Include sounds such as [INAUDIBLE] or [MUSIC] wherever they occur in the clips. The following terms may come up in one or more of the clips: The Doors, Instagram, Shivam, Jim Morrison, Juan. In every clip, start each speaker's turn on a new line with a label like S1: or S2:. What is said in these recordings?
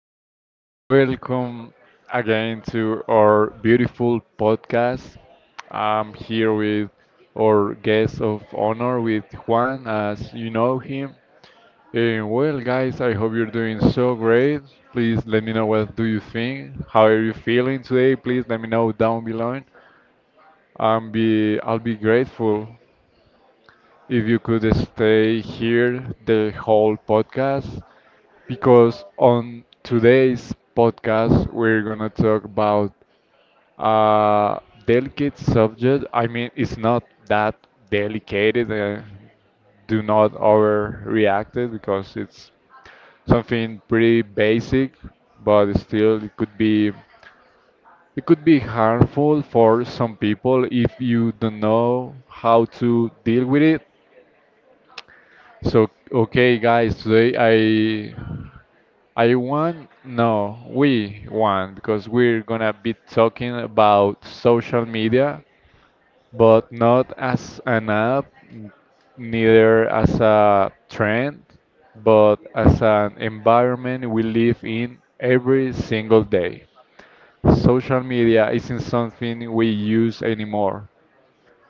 S1: Hello, welcome again to our beautiful podcast. I'm here with our guest of honor, with Juan, as you know him. And well, guys, I hope you're doing so great. Please let me know what do you think. How are you feeling today? Please let me know down below. I'll be grateful if you could stay here the whole podcast because on today's podcast we're gonna talk about a delicate subject. I mean, it's not that delicate. Do not overreact it because it's something pretty basic, but still it could be harmful for some people if you don't know how to deal with it. So, okay, guys, today I won. No, we won because we're gonna be talking about social media, but not as an app, neither as a trend, but as an environment we live in every single day. Social media isn't something we use anymore.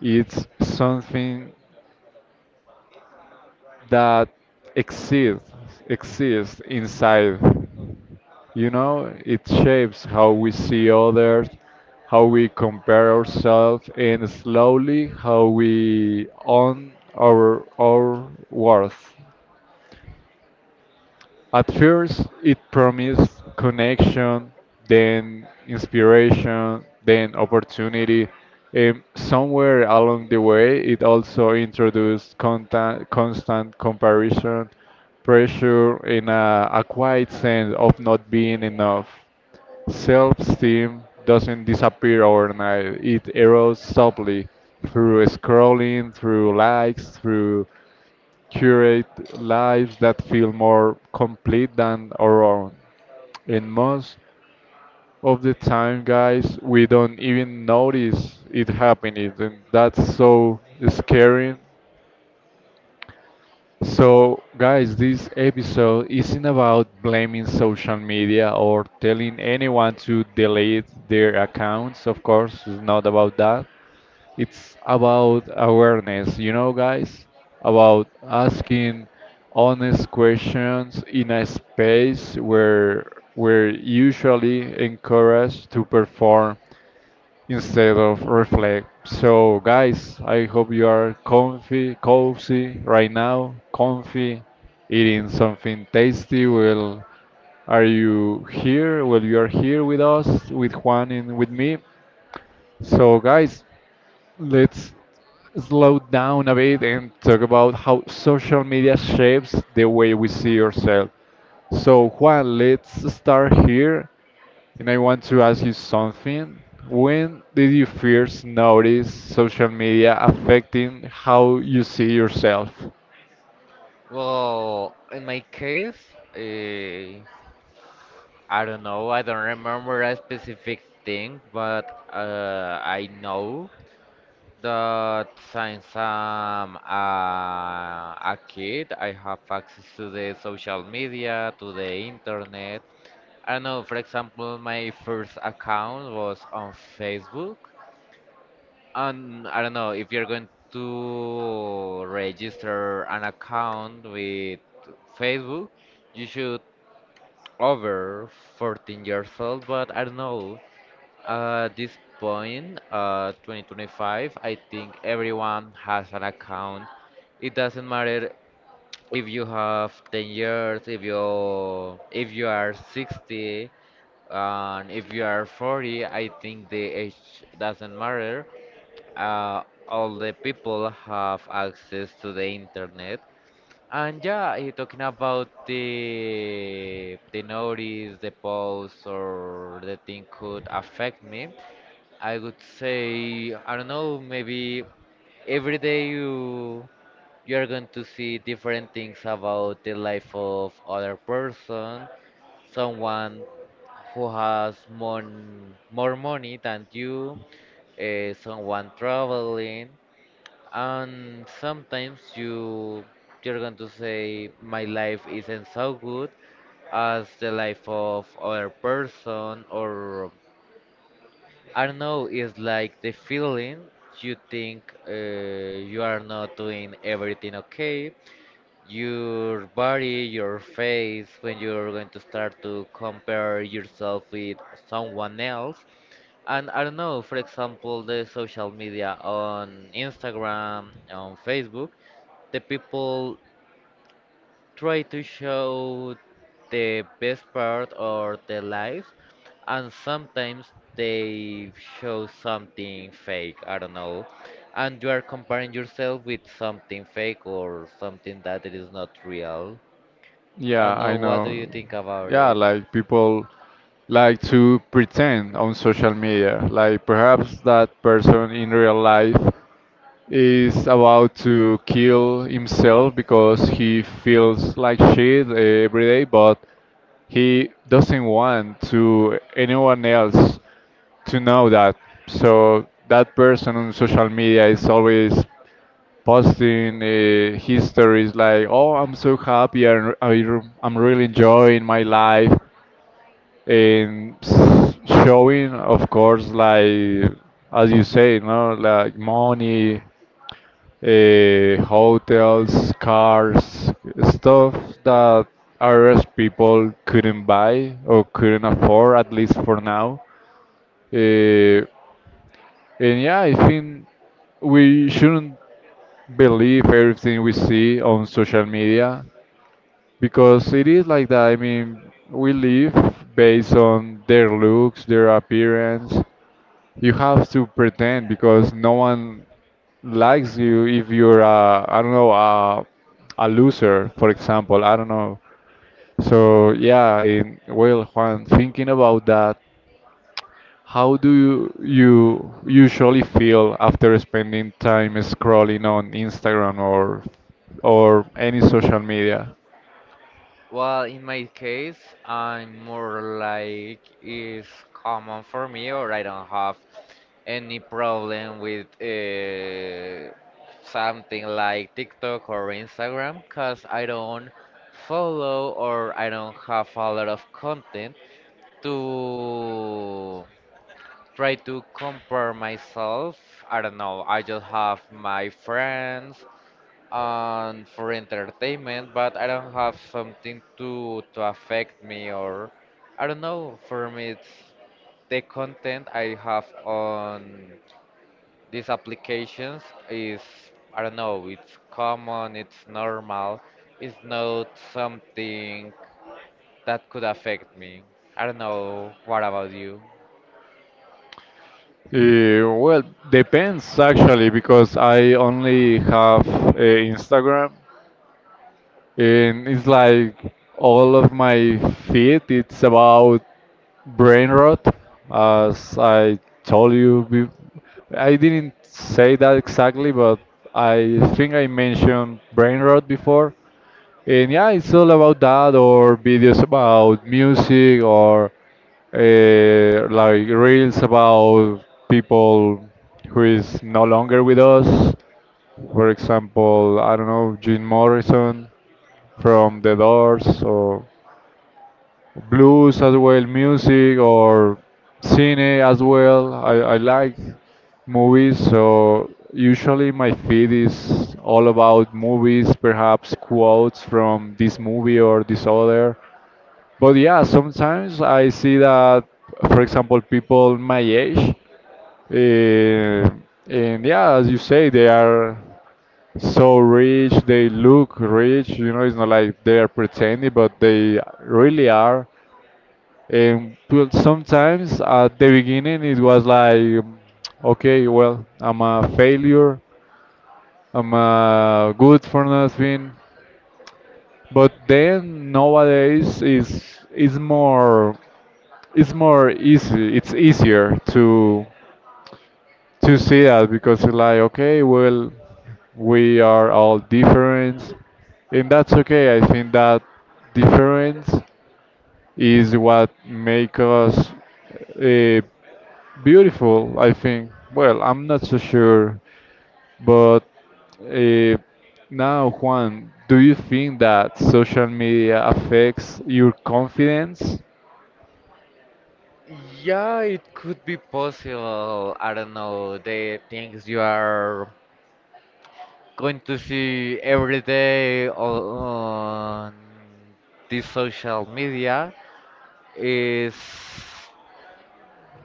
S1: It's something that exist exists inside. You know, it shapes how we see others, how we compare ourselves and slowly how we own our worth. At first, it promised connection, then inspiration, then opportunity. Somewhere along the way, it also introduced constant comparison, pressure, and a quiet sense of not being enough. Self esteem doesn't disappear overnight, it erodes softly through scrolling, through likes, through curate lives that feel more complete than our own. And most of the time, guys, we don't even notice it happening, and that's so scary. So, guys, this episode isn't about blaming social media or telling anyone to delete their accounts. Of course, it's not about that. It's about awareness, you know, guys, about asking honest questions in a space where we're usually encouraged to perform instead of reflect. So, guys, I hope you are comfy, cozy right now, comfy, eating something tasty. Well, are you here? Well, you are here with us, with Juan and with me. So, guys, let's slow down a bit and talk about how social media shapes the way we see ourselves. So, Juan, let's start here. And I want to ask you something. When did you first notice social media affecting how you see yourself?
S2: Well, in my case, uh, I don't know. I don't remember a specific thing, but I know that since I'm a kid, I have access to the social media, to the internet. I don't know. For example, my first account was on Facebook, and I don't know if you're going to register an account with Facebook you should over 14 years old, but I don't know. At this point, 2025, I think everyone has an account. It doesn't matter if you have 10 years, if you are 60, and if you are 40. I think the age doesn't matter. All the people have access to the internet, and yeah, talking about the notice, the post, or the thing could affect me, I would say I don't know. Maybe every day you're going to see different things about the life of other person, someone who has mon more money than you, someone traveling, and sometimes you're going to say my life isn't so good as the life of other person, or I don't know, it's like the feeling you think you are not doing everything okay, your body, your face, when you're going to start to compare yourself with someone else. And I don't know, for example, the social media on Instagram, on Facebook, the people try to show the best part of their life, and sometimes they show something fake. I don't know, and you are comparing yourself with something fake or something that it is not real. I
S1: Yeah,
S2: don't know,
S1: I
S2: what do
S1: know.
S2: you think about
S1: Yeah,
S2: it?
S1: like people like to pretend on social media. Like perhaps that person in real life is about to kill himself because he feels like shit every day, but he doesn't want to anyone else to know that. So that person on social media is always posting his stories like, "Oh, I'm so happy. I'm really enjoying my life," and showing, of course, like as you say, no, like money, hotels, cars, stuff that Irish people couldn't buy or couldn't afford, at least for now. Eh, and yeah, I think we shouldn't believe everything we see on social media because it is like that. I mean, we live based on their looks, their appearance. You have to pretend because no one likes you if you're I don't know, a loser, for example. I don't know. So yeah, in, well, Juan, thinking about that, how do you usually feel after spending time scrolling on Instagram or any social media?
S2: Well, in my case, I'm more like it's common for me, or I don't have any problem with something like TikTok or Instagram because I don't follow or I don't have a lot of content to try to compare myself. I don't know, I just have my friends and for entertainment, but I don't have something to affect me, or I don't know. For me, it's the content I have on these applications is I don't know. It's common. It's normal. It's not something that could affect me. I don't know. What about you?
S1: Well, depends actually because I only have Instagram, and it's like all of my feed it's about brain rot. As I told you be- I didn't say that exactly, but I think I mentioned brain rot before. And yeah, it's all about that, or videos about music, or like reels about people who is no longer with us. For example, I don't know, Jim Morrison from The Doors, or blues as well, music or cine as well. I like movies, so usually my feed is all about movies, perhaps quotes from this movie or this other. But yeah, sometimes I see that, for example, people my age, uh, and yeah, as you say, they are so rich, they look rich, you know, it's not like they are pretending, but they really are. And well, sometimes at the beginning it was like, um, okay, well, I'm a failure, I'm good for nothing. But then nowadays is more it's more easy. It's easier to see that because it's like okay, well, we are all different, and that's okay. I think that difference is what make us uh, beautiful, I think. Well, I'm not so sure, but uh, now, Juan, do you think that social media affects your confidence?
S2: Yeah, it could be possible. I don't know. The things you are going to see every day on this social media is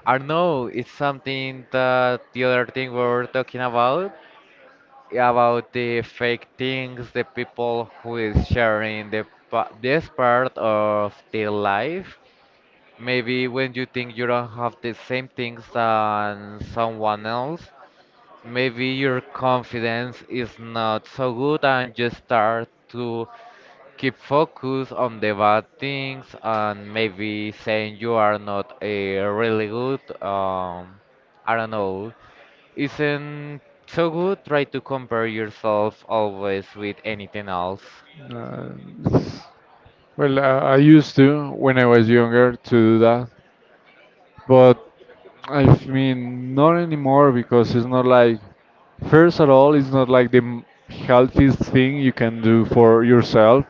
S2: I don't know, it's something that the other thing we were talking about the fake things, the people who is sharing the this part of their life. Maybe when you think you don't have the same things than someone else, maybe your confidence is not so good and you start to keep focus on the bad things, and maybe saying you are not a really good I don't know, isn't so good try to compare yourself always with anything else.
S1: uh, well, I used to when I was younger to do that. But mean, not anymore because it's not like, first of all, it's not like the healthiest thing you can do for yourself.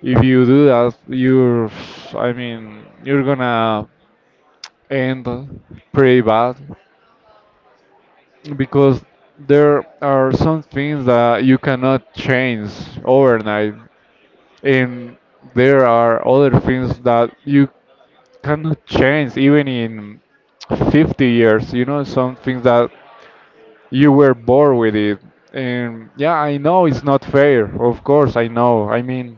S1: If you do that, you're, I mean, you're gonna end pretty bad because there are some things that you cannot change overnight, and there are other things that you cannot change even in 50 years. You know, some things that you were born with it. And yeah, I know it's not fair, of course, I know, I mean,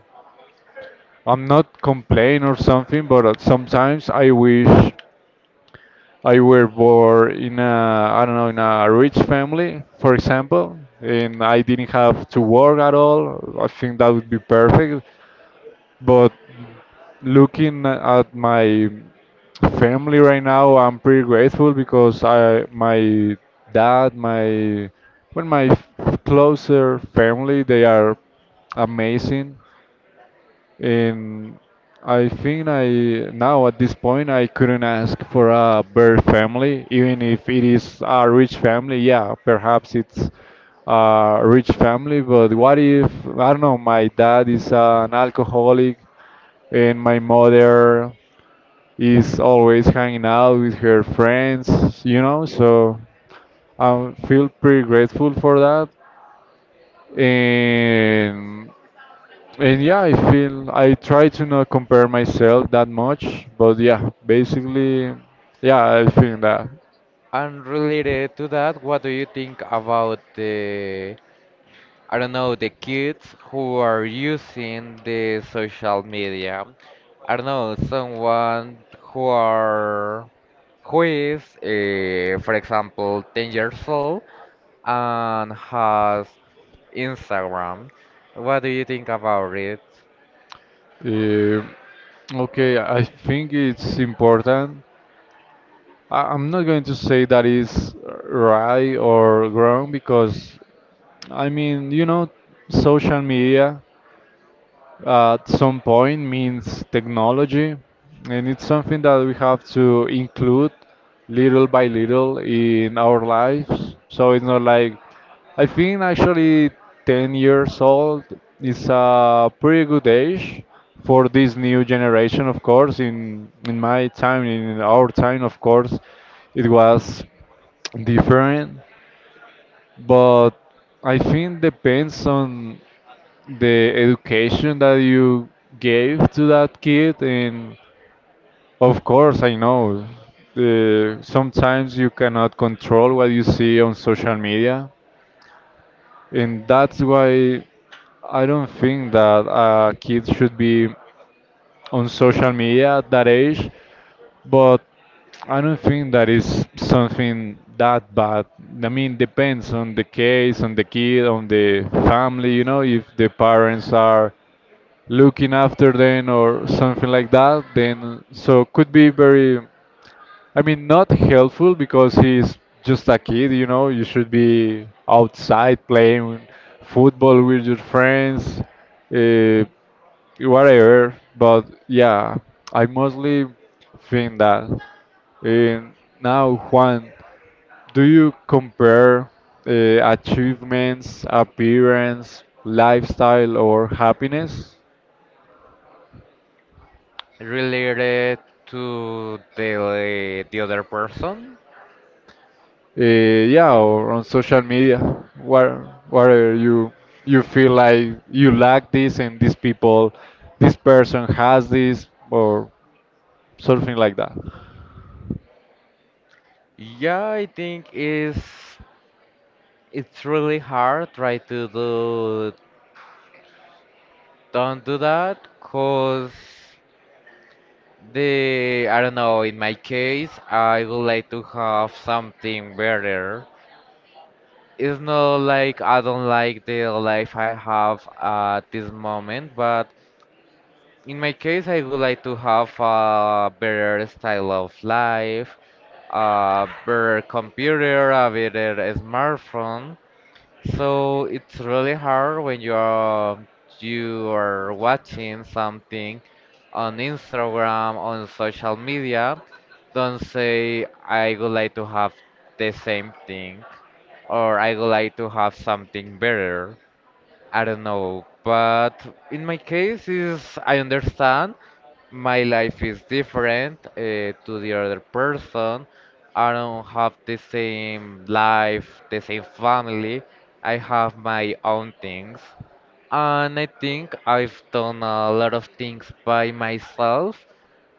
S1: I'm not complaining or something, but sometimes I wish I were born in a, I don't know, in a rich family, for example, and I didn't have to work at all. I think that would be perfect. But looking at my family right now, I'm pretty grateful because I, my dad, my, well, my closer family, they are amazing, and I think I now at this point I couldn't ask for a better family, even if it is a rich family. Yeah, perhaps it's a rich family, but what if I don't know? My dad is an alcoholic and my mother is always hanging out with her friends, you know, so I feel pretty grateful for that. And and yeah, I feel I try to not compare myself that much, but yeah, basically, yeah, I think that.
S2: And related to that, what do you think about the I don't know, the kids who are using the social media? I don't know, someone who are who is, for example, 10 years old and has Instagram. What do you think about it?
S1: Uh, Okay, I think it's important. I'm not going to say that is right or wrong because, I mean, you know, social media at some point means technology, and it's something that we have to include little by little in our lives. So it's not like I think actually 10 years old is a pretty good age for this new generation, of course. In my time, in our time, of course, it was different, but I think depends on the education that you gave to that kid. And of course I know, sometimes you cannot control what you see on social media, and that's why I don't think that a kid should be on social media at that age. But I don't think that is something that bad. I mean, depends on the case, on the kid, on the family, you know, if the parents are looking after them or something like that, then so could be very, I mean, not helpful because he's just a kid. You know, you should be outside playing football with your friends, uh, whatever. But yeah, I mostly think that. And now, Juan, do you compare uh, achievements, appearance, lifestyle or happiness?
S2: Related to the other person?
S1: Yeah, or on social media, where where you feel like you lack this and these people, this person has this or something like that.
S2: Yeah, I think is it's really hard try to do don't do that cause the I don't know, in my case I would like to have something better. It's not like I don't like the life I have at this moment, but in my case, I would like to have a better style of life, a better computer, a better smartphone. So it's really hard when you are watching something on Instagram, on social media. Don't say I would like to have the same thing or I would like to have something better. I don't know, but in my case is I understand my life is different to the other person. I don't have the same life, the same family. I have my own things. And I think I've done a lot of things by myself.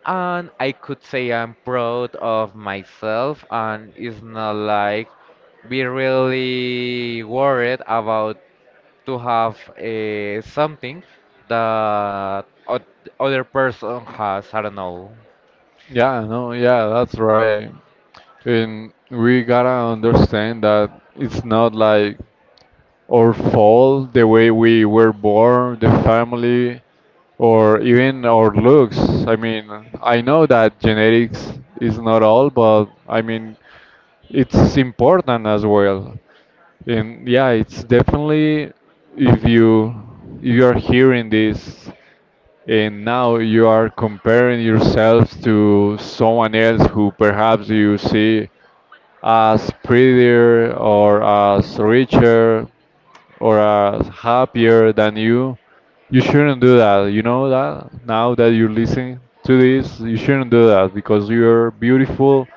S2: And I could say I'm proud of myself. And it's not like be really worried about to have something that other person has. I don't know.
S1: Yeah, no, yeah, that's right. And we gotta understand that it's not like our fault, the way we were born, the family, or even our looks. I mean, I know that genetics is not all, but I mean, it's important as well. And yeah, it's definitely, if you if you are hearing this and now you are comparing yourself to someone else who perhaps you see as prettier or as richer or as happier than you, you shouldn't do that. You know that now that you're listening to this you shouldn't do that because you're beautiful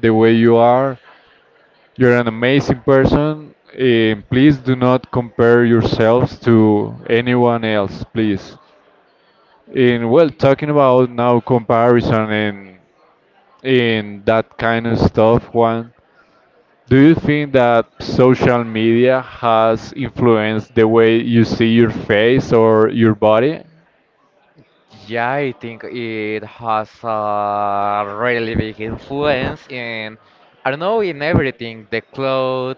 S1: the way you are. You're an amazing person. And please do not compare yourselves to anyone else, please. And well, talking about now comparison and that kind of stuff, Juan, do you think that social media has influenced the way you see your face or your body?
S2: Yeah, I think it has a really big influence in, I don't know, in everything, the clothes,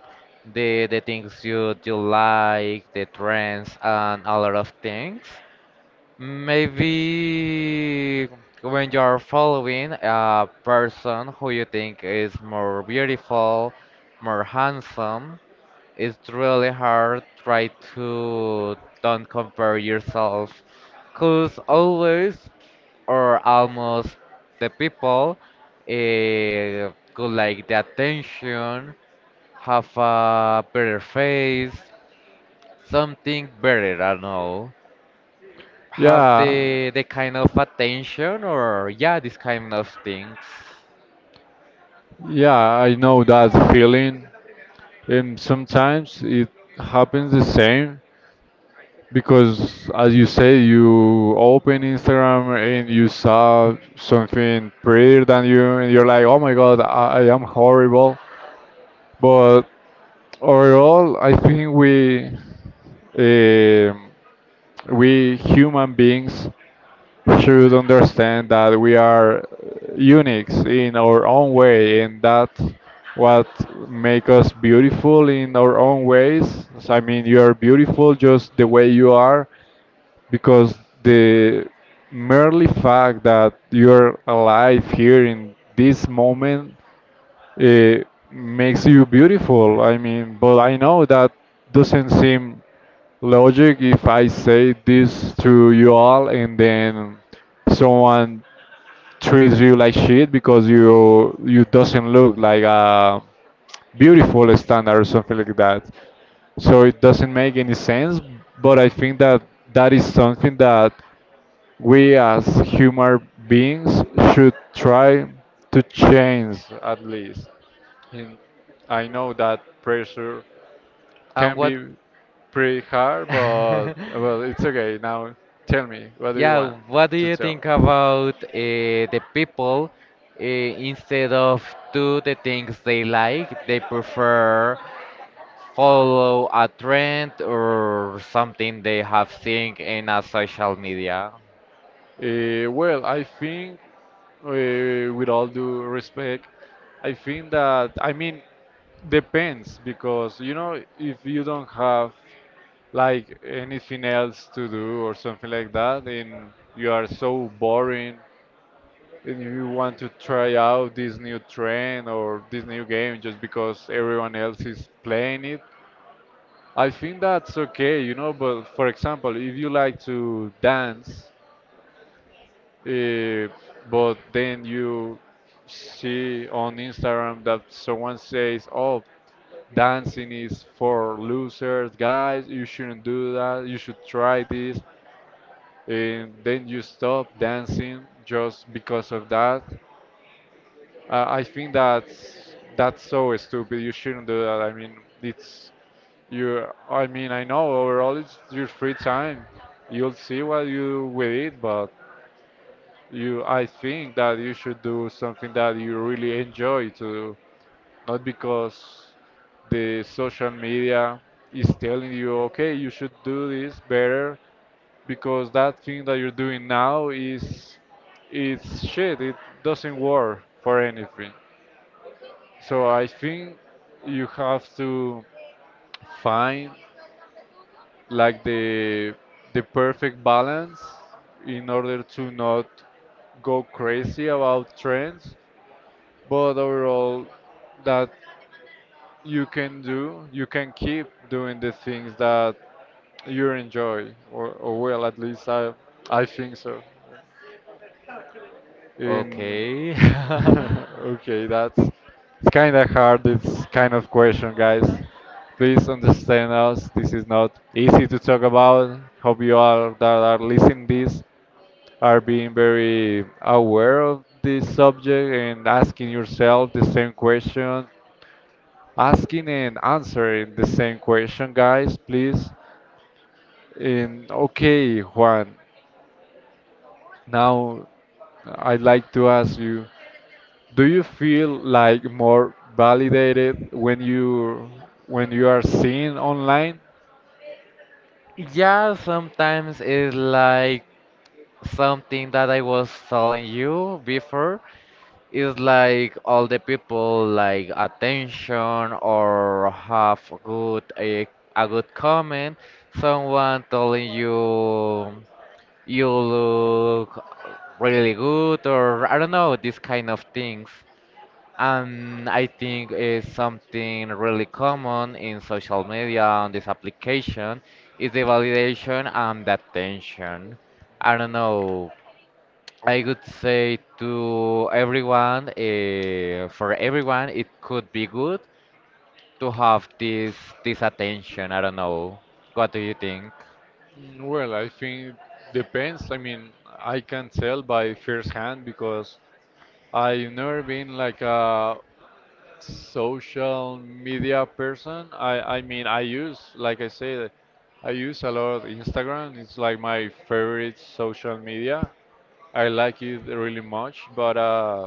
S2: the things you like, the trends, and a lot of things. Maybe when you're following a person who you think is more beautiful, more handsome, it's really hard try to don't compare yourself because always or almost the people could like the attention, have a better face, something better, I don't know, have
S1: Yeah,
S2: the kind of attention, or yeah this kind of things.
S1: yeah, I know that feeling, and sometimes it happens the same. Because as you say, you open Instagram and you saw something prettier than you, and you're like, oh my God, I am horrible. But overall, I think um, we human beings should understand that we are unique in our own way, and that what make us beautiful in our own ways. So, I mean, you are beautiful just the way you are because the merely fact that you're alive here in this moment uh, makes you beautiful. I mean, but I know that doesn't seem logic if I say this to you all and then someone treats you like shit because you doesn't look like a beautiful standard or something like that. So it doesn't make any sense. But I think that that is something that we as human beings should try to change at least. And I know that pressure
S2: And
S1: can
S2: what?
S1: be pretty hard, but well,
S2: [LAUGHS]
S1: it's okay. Now tell me, what do you
S2: Yeah,
S1: want
S2: what do
S1: to
S2: you
S1: tell?
S2: think about the people instead of do the things they like, they prefer follow a trend or something they have seen in a social media?
S1: Well, I think, uh, with all due respect, I think that, I mean, depends because, you know, if you don't have like anything else to do or something like that, and you are so boring, and you want to try out this new trend or this new game just because everyone else is playing it, I think that's okay, you know, but for example, if you like to dance, uh, but then you see on Instagram that someone says, oh, dancing is for losers, guys, you shouldn't do that, you should try this, and then you stop dancing just because of that. I think that's so stupid. You shouldn't do that. I mean, it's You, I mean, I know overall it's your free time. You'll see what you do with it, but you, I think that you should do something that you really enjoy to do, not because the social media is telling you, okay, you should do this better because that thing that you're doing now is it's shit. It doesn't work for anything. So I think you have to find like the perfect balance in order to not go crazy about trends, but overall that you can do, you can keep doing the things that you enjoy, or well, at least I think so. In
S2: Okay. [LAUGHS]
S1: [LAUGHS] okay, that's it's kind of hard. This kind of question, guys. Please understand us. This is not easy to talk about. Hope you all that are listening this are being very aware of this subject and asking yourself the same question, asking and answering the same question, guys, please. And okay, Juan, now I'd like to ask you, do you feel like more validated when you are seen online?
S2: Yeah, sometimes it's like something that I was telling you before. It's like all the people like attention or have a good comment. Someone telling you you look really good, or I don't know, these kind of things. And I think it's something really common in social media on this application is the validation and the attention. I don't know. I would say to everyone, for everyone, it could be good to have this attention. I don't know. What do you think?
S1: Mm, well, I think depends. I mean, I can tell by first hand because I've never been like a social media person. I mean I use like I say I use a lot Instagram. It's like my favorite social media. I like it really much, but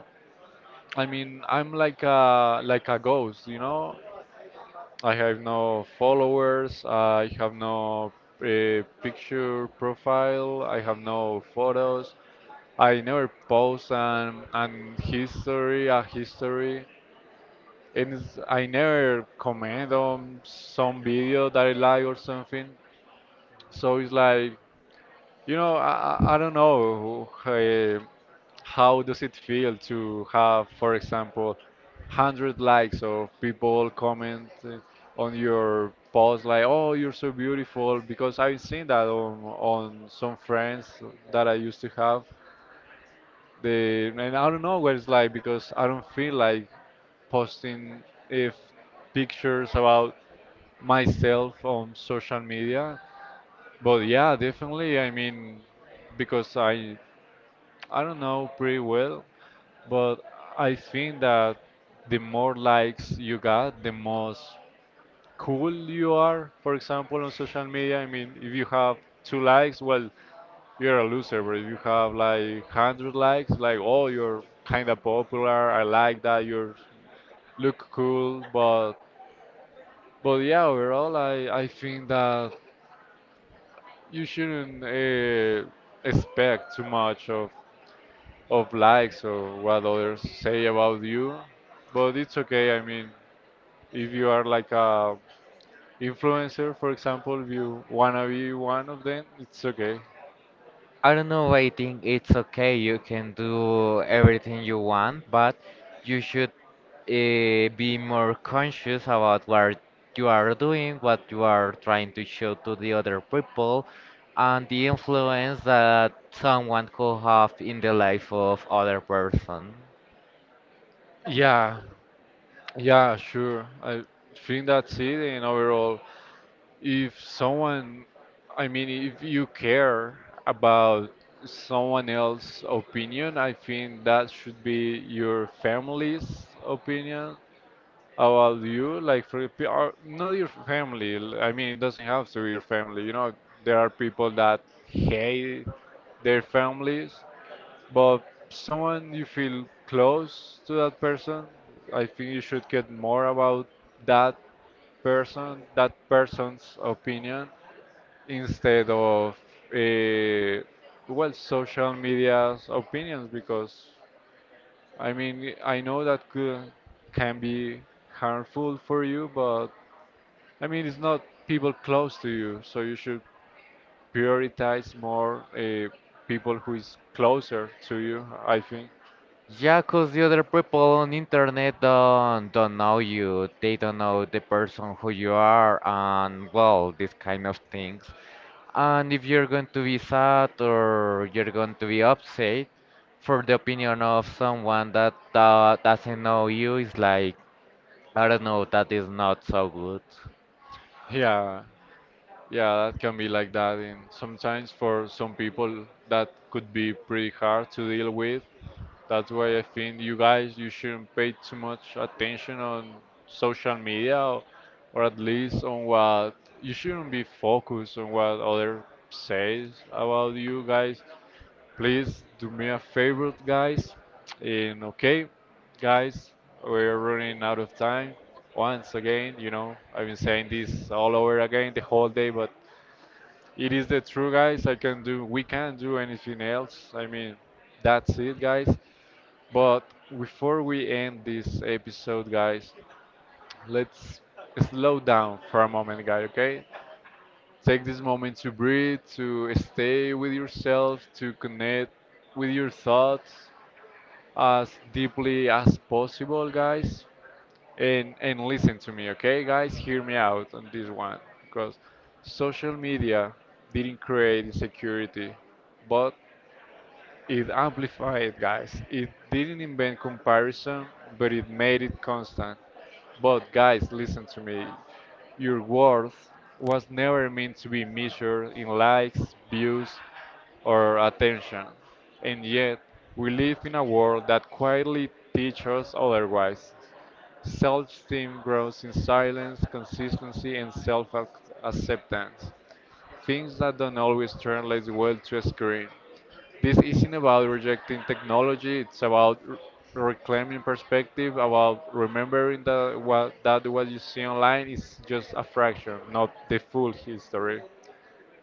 S1: I mean I'm like a ghost, you know? I have no followers, I have no picture profile, I have no photos. I never post an history, a history. And it's, I never comment on some video that I like or something. So it's like, you know, I don't know how does it feel to have, for example, 100 likes of people comment on your post like, oh, you're so beautiful. Because I've seen that on some friends that I used to have. They, and I don't know what it's like because I don't feel like posting if pictures about myself on social media. But yeah, definitely. I mean, because I don't know pretty well, but I think that the more likes you got, the most cool you are. For example, on social media, I mean, if you have two likes, well, you're a loser. But if you have like hundred likes, like oh, you're kind of popular. I like that. You look cool, but yeah, overall, I think that you shouldn't expect too much of likes or what others say about you, but it's okay. I mean, if you are like a influencer, for example, if you wanna be one of them, it's okay.
S2: I don't know. I think it's okay. You can do everything you want, but you should be more conscious about what you are doing, what you are trying to show to the other people, and the influence that someone could have in the life of other person.
S1: Yeah, yeah, sure. I think that's it, and overall if someone, I mean, if you care about someone else's opinion, I think that should be your family's opinion about you, like or not your family. I mean, it doesn't have to be your family. You know, there are people that hate their families, but someone you feel close to that person, I think you should get more about that person, that person's opinion, instead of uh, well, social media's opinions because I mean, I know that can be harmful for you, but I mean, it's not people close to you, so you should prioritize more people who is closer to you, I think.
S2: Yeah, 'cause the other people on internet don't know you. They don't know the person who you are and well, these kind of things. And if you're going to be sad or you're going to be upset for the opinion of someone that doesn't know you, it's like, I don't know, that is not so good.
S1: Yeah, yeah, that can be like that. And sometimes for some people, that could be pretty hard to deal with. That's why I think you guys, you shouldn't pay too much attention on social media, or at least on what you shouldn't be focused on what other says about you guys. Please do me a favor, guys. And okay, guys, we're running out of time once again. You know, I've been saying this all over again the whole day, but it is the truth, guys. I can do, we can't do anything else. I mean, that's it, guys. But before we end this episode, guys, let's slow down for a moment, guys, okay? Take this moment to breathe, to stay with yourself, to connect with your thoughts, as deeply as possible, guys, and listen to me, okay, guys? Hear me out on this one because social media didn't create insecurity, but it amplified, guys. It didn't invent comparison, but it made it constant. But, guys, listen to me. Your worth was never meant to be measured in likes, views, or attention. And yet, we live in a world that quietly teaches us otherwise. Self esteem grows in silence, consistency, and self acceptance, things that don't always translate well to a screen. This isn't about rejecting technology, it's about reclaiming perspective, about remembering that what you see online is just a fraction, not the full history.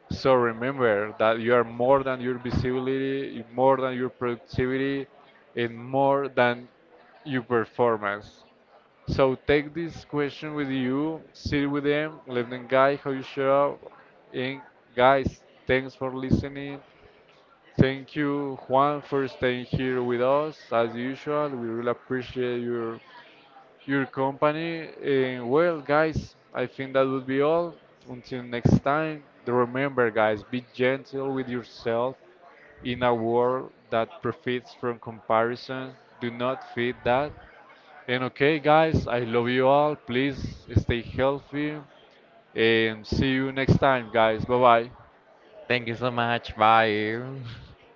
S1: So remember that you are more than your visibility, more than your productivity, and more than your performance. So take this question with you, sit with them, let them guide how you show up. And guys, thanks for listening. Thank you, Juan, for staying here with us. As usual, we really appreciate your company. And well, guys, I think that would be all. Until next time, remember, guys, be gentle with yourself in a world that profits from comparison. Do not feed that. And okay, guys, I love you all. Please stay healthy and see you next time, guys. Bye bye.
S2: Thank you so much. Bye. [LAUGHS]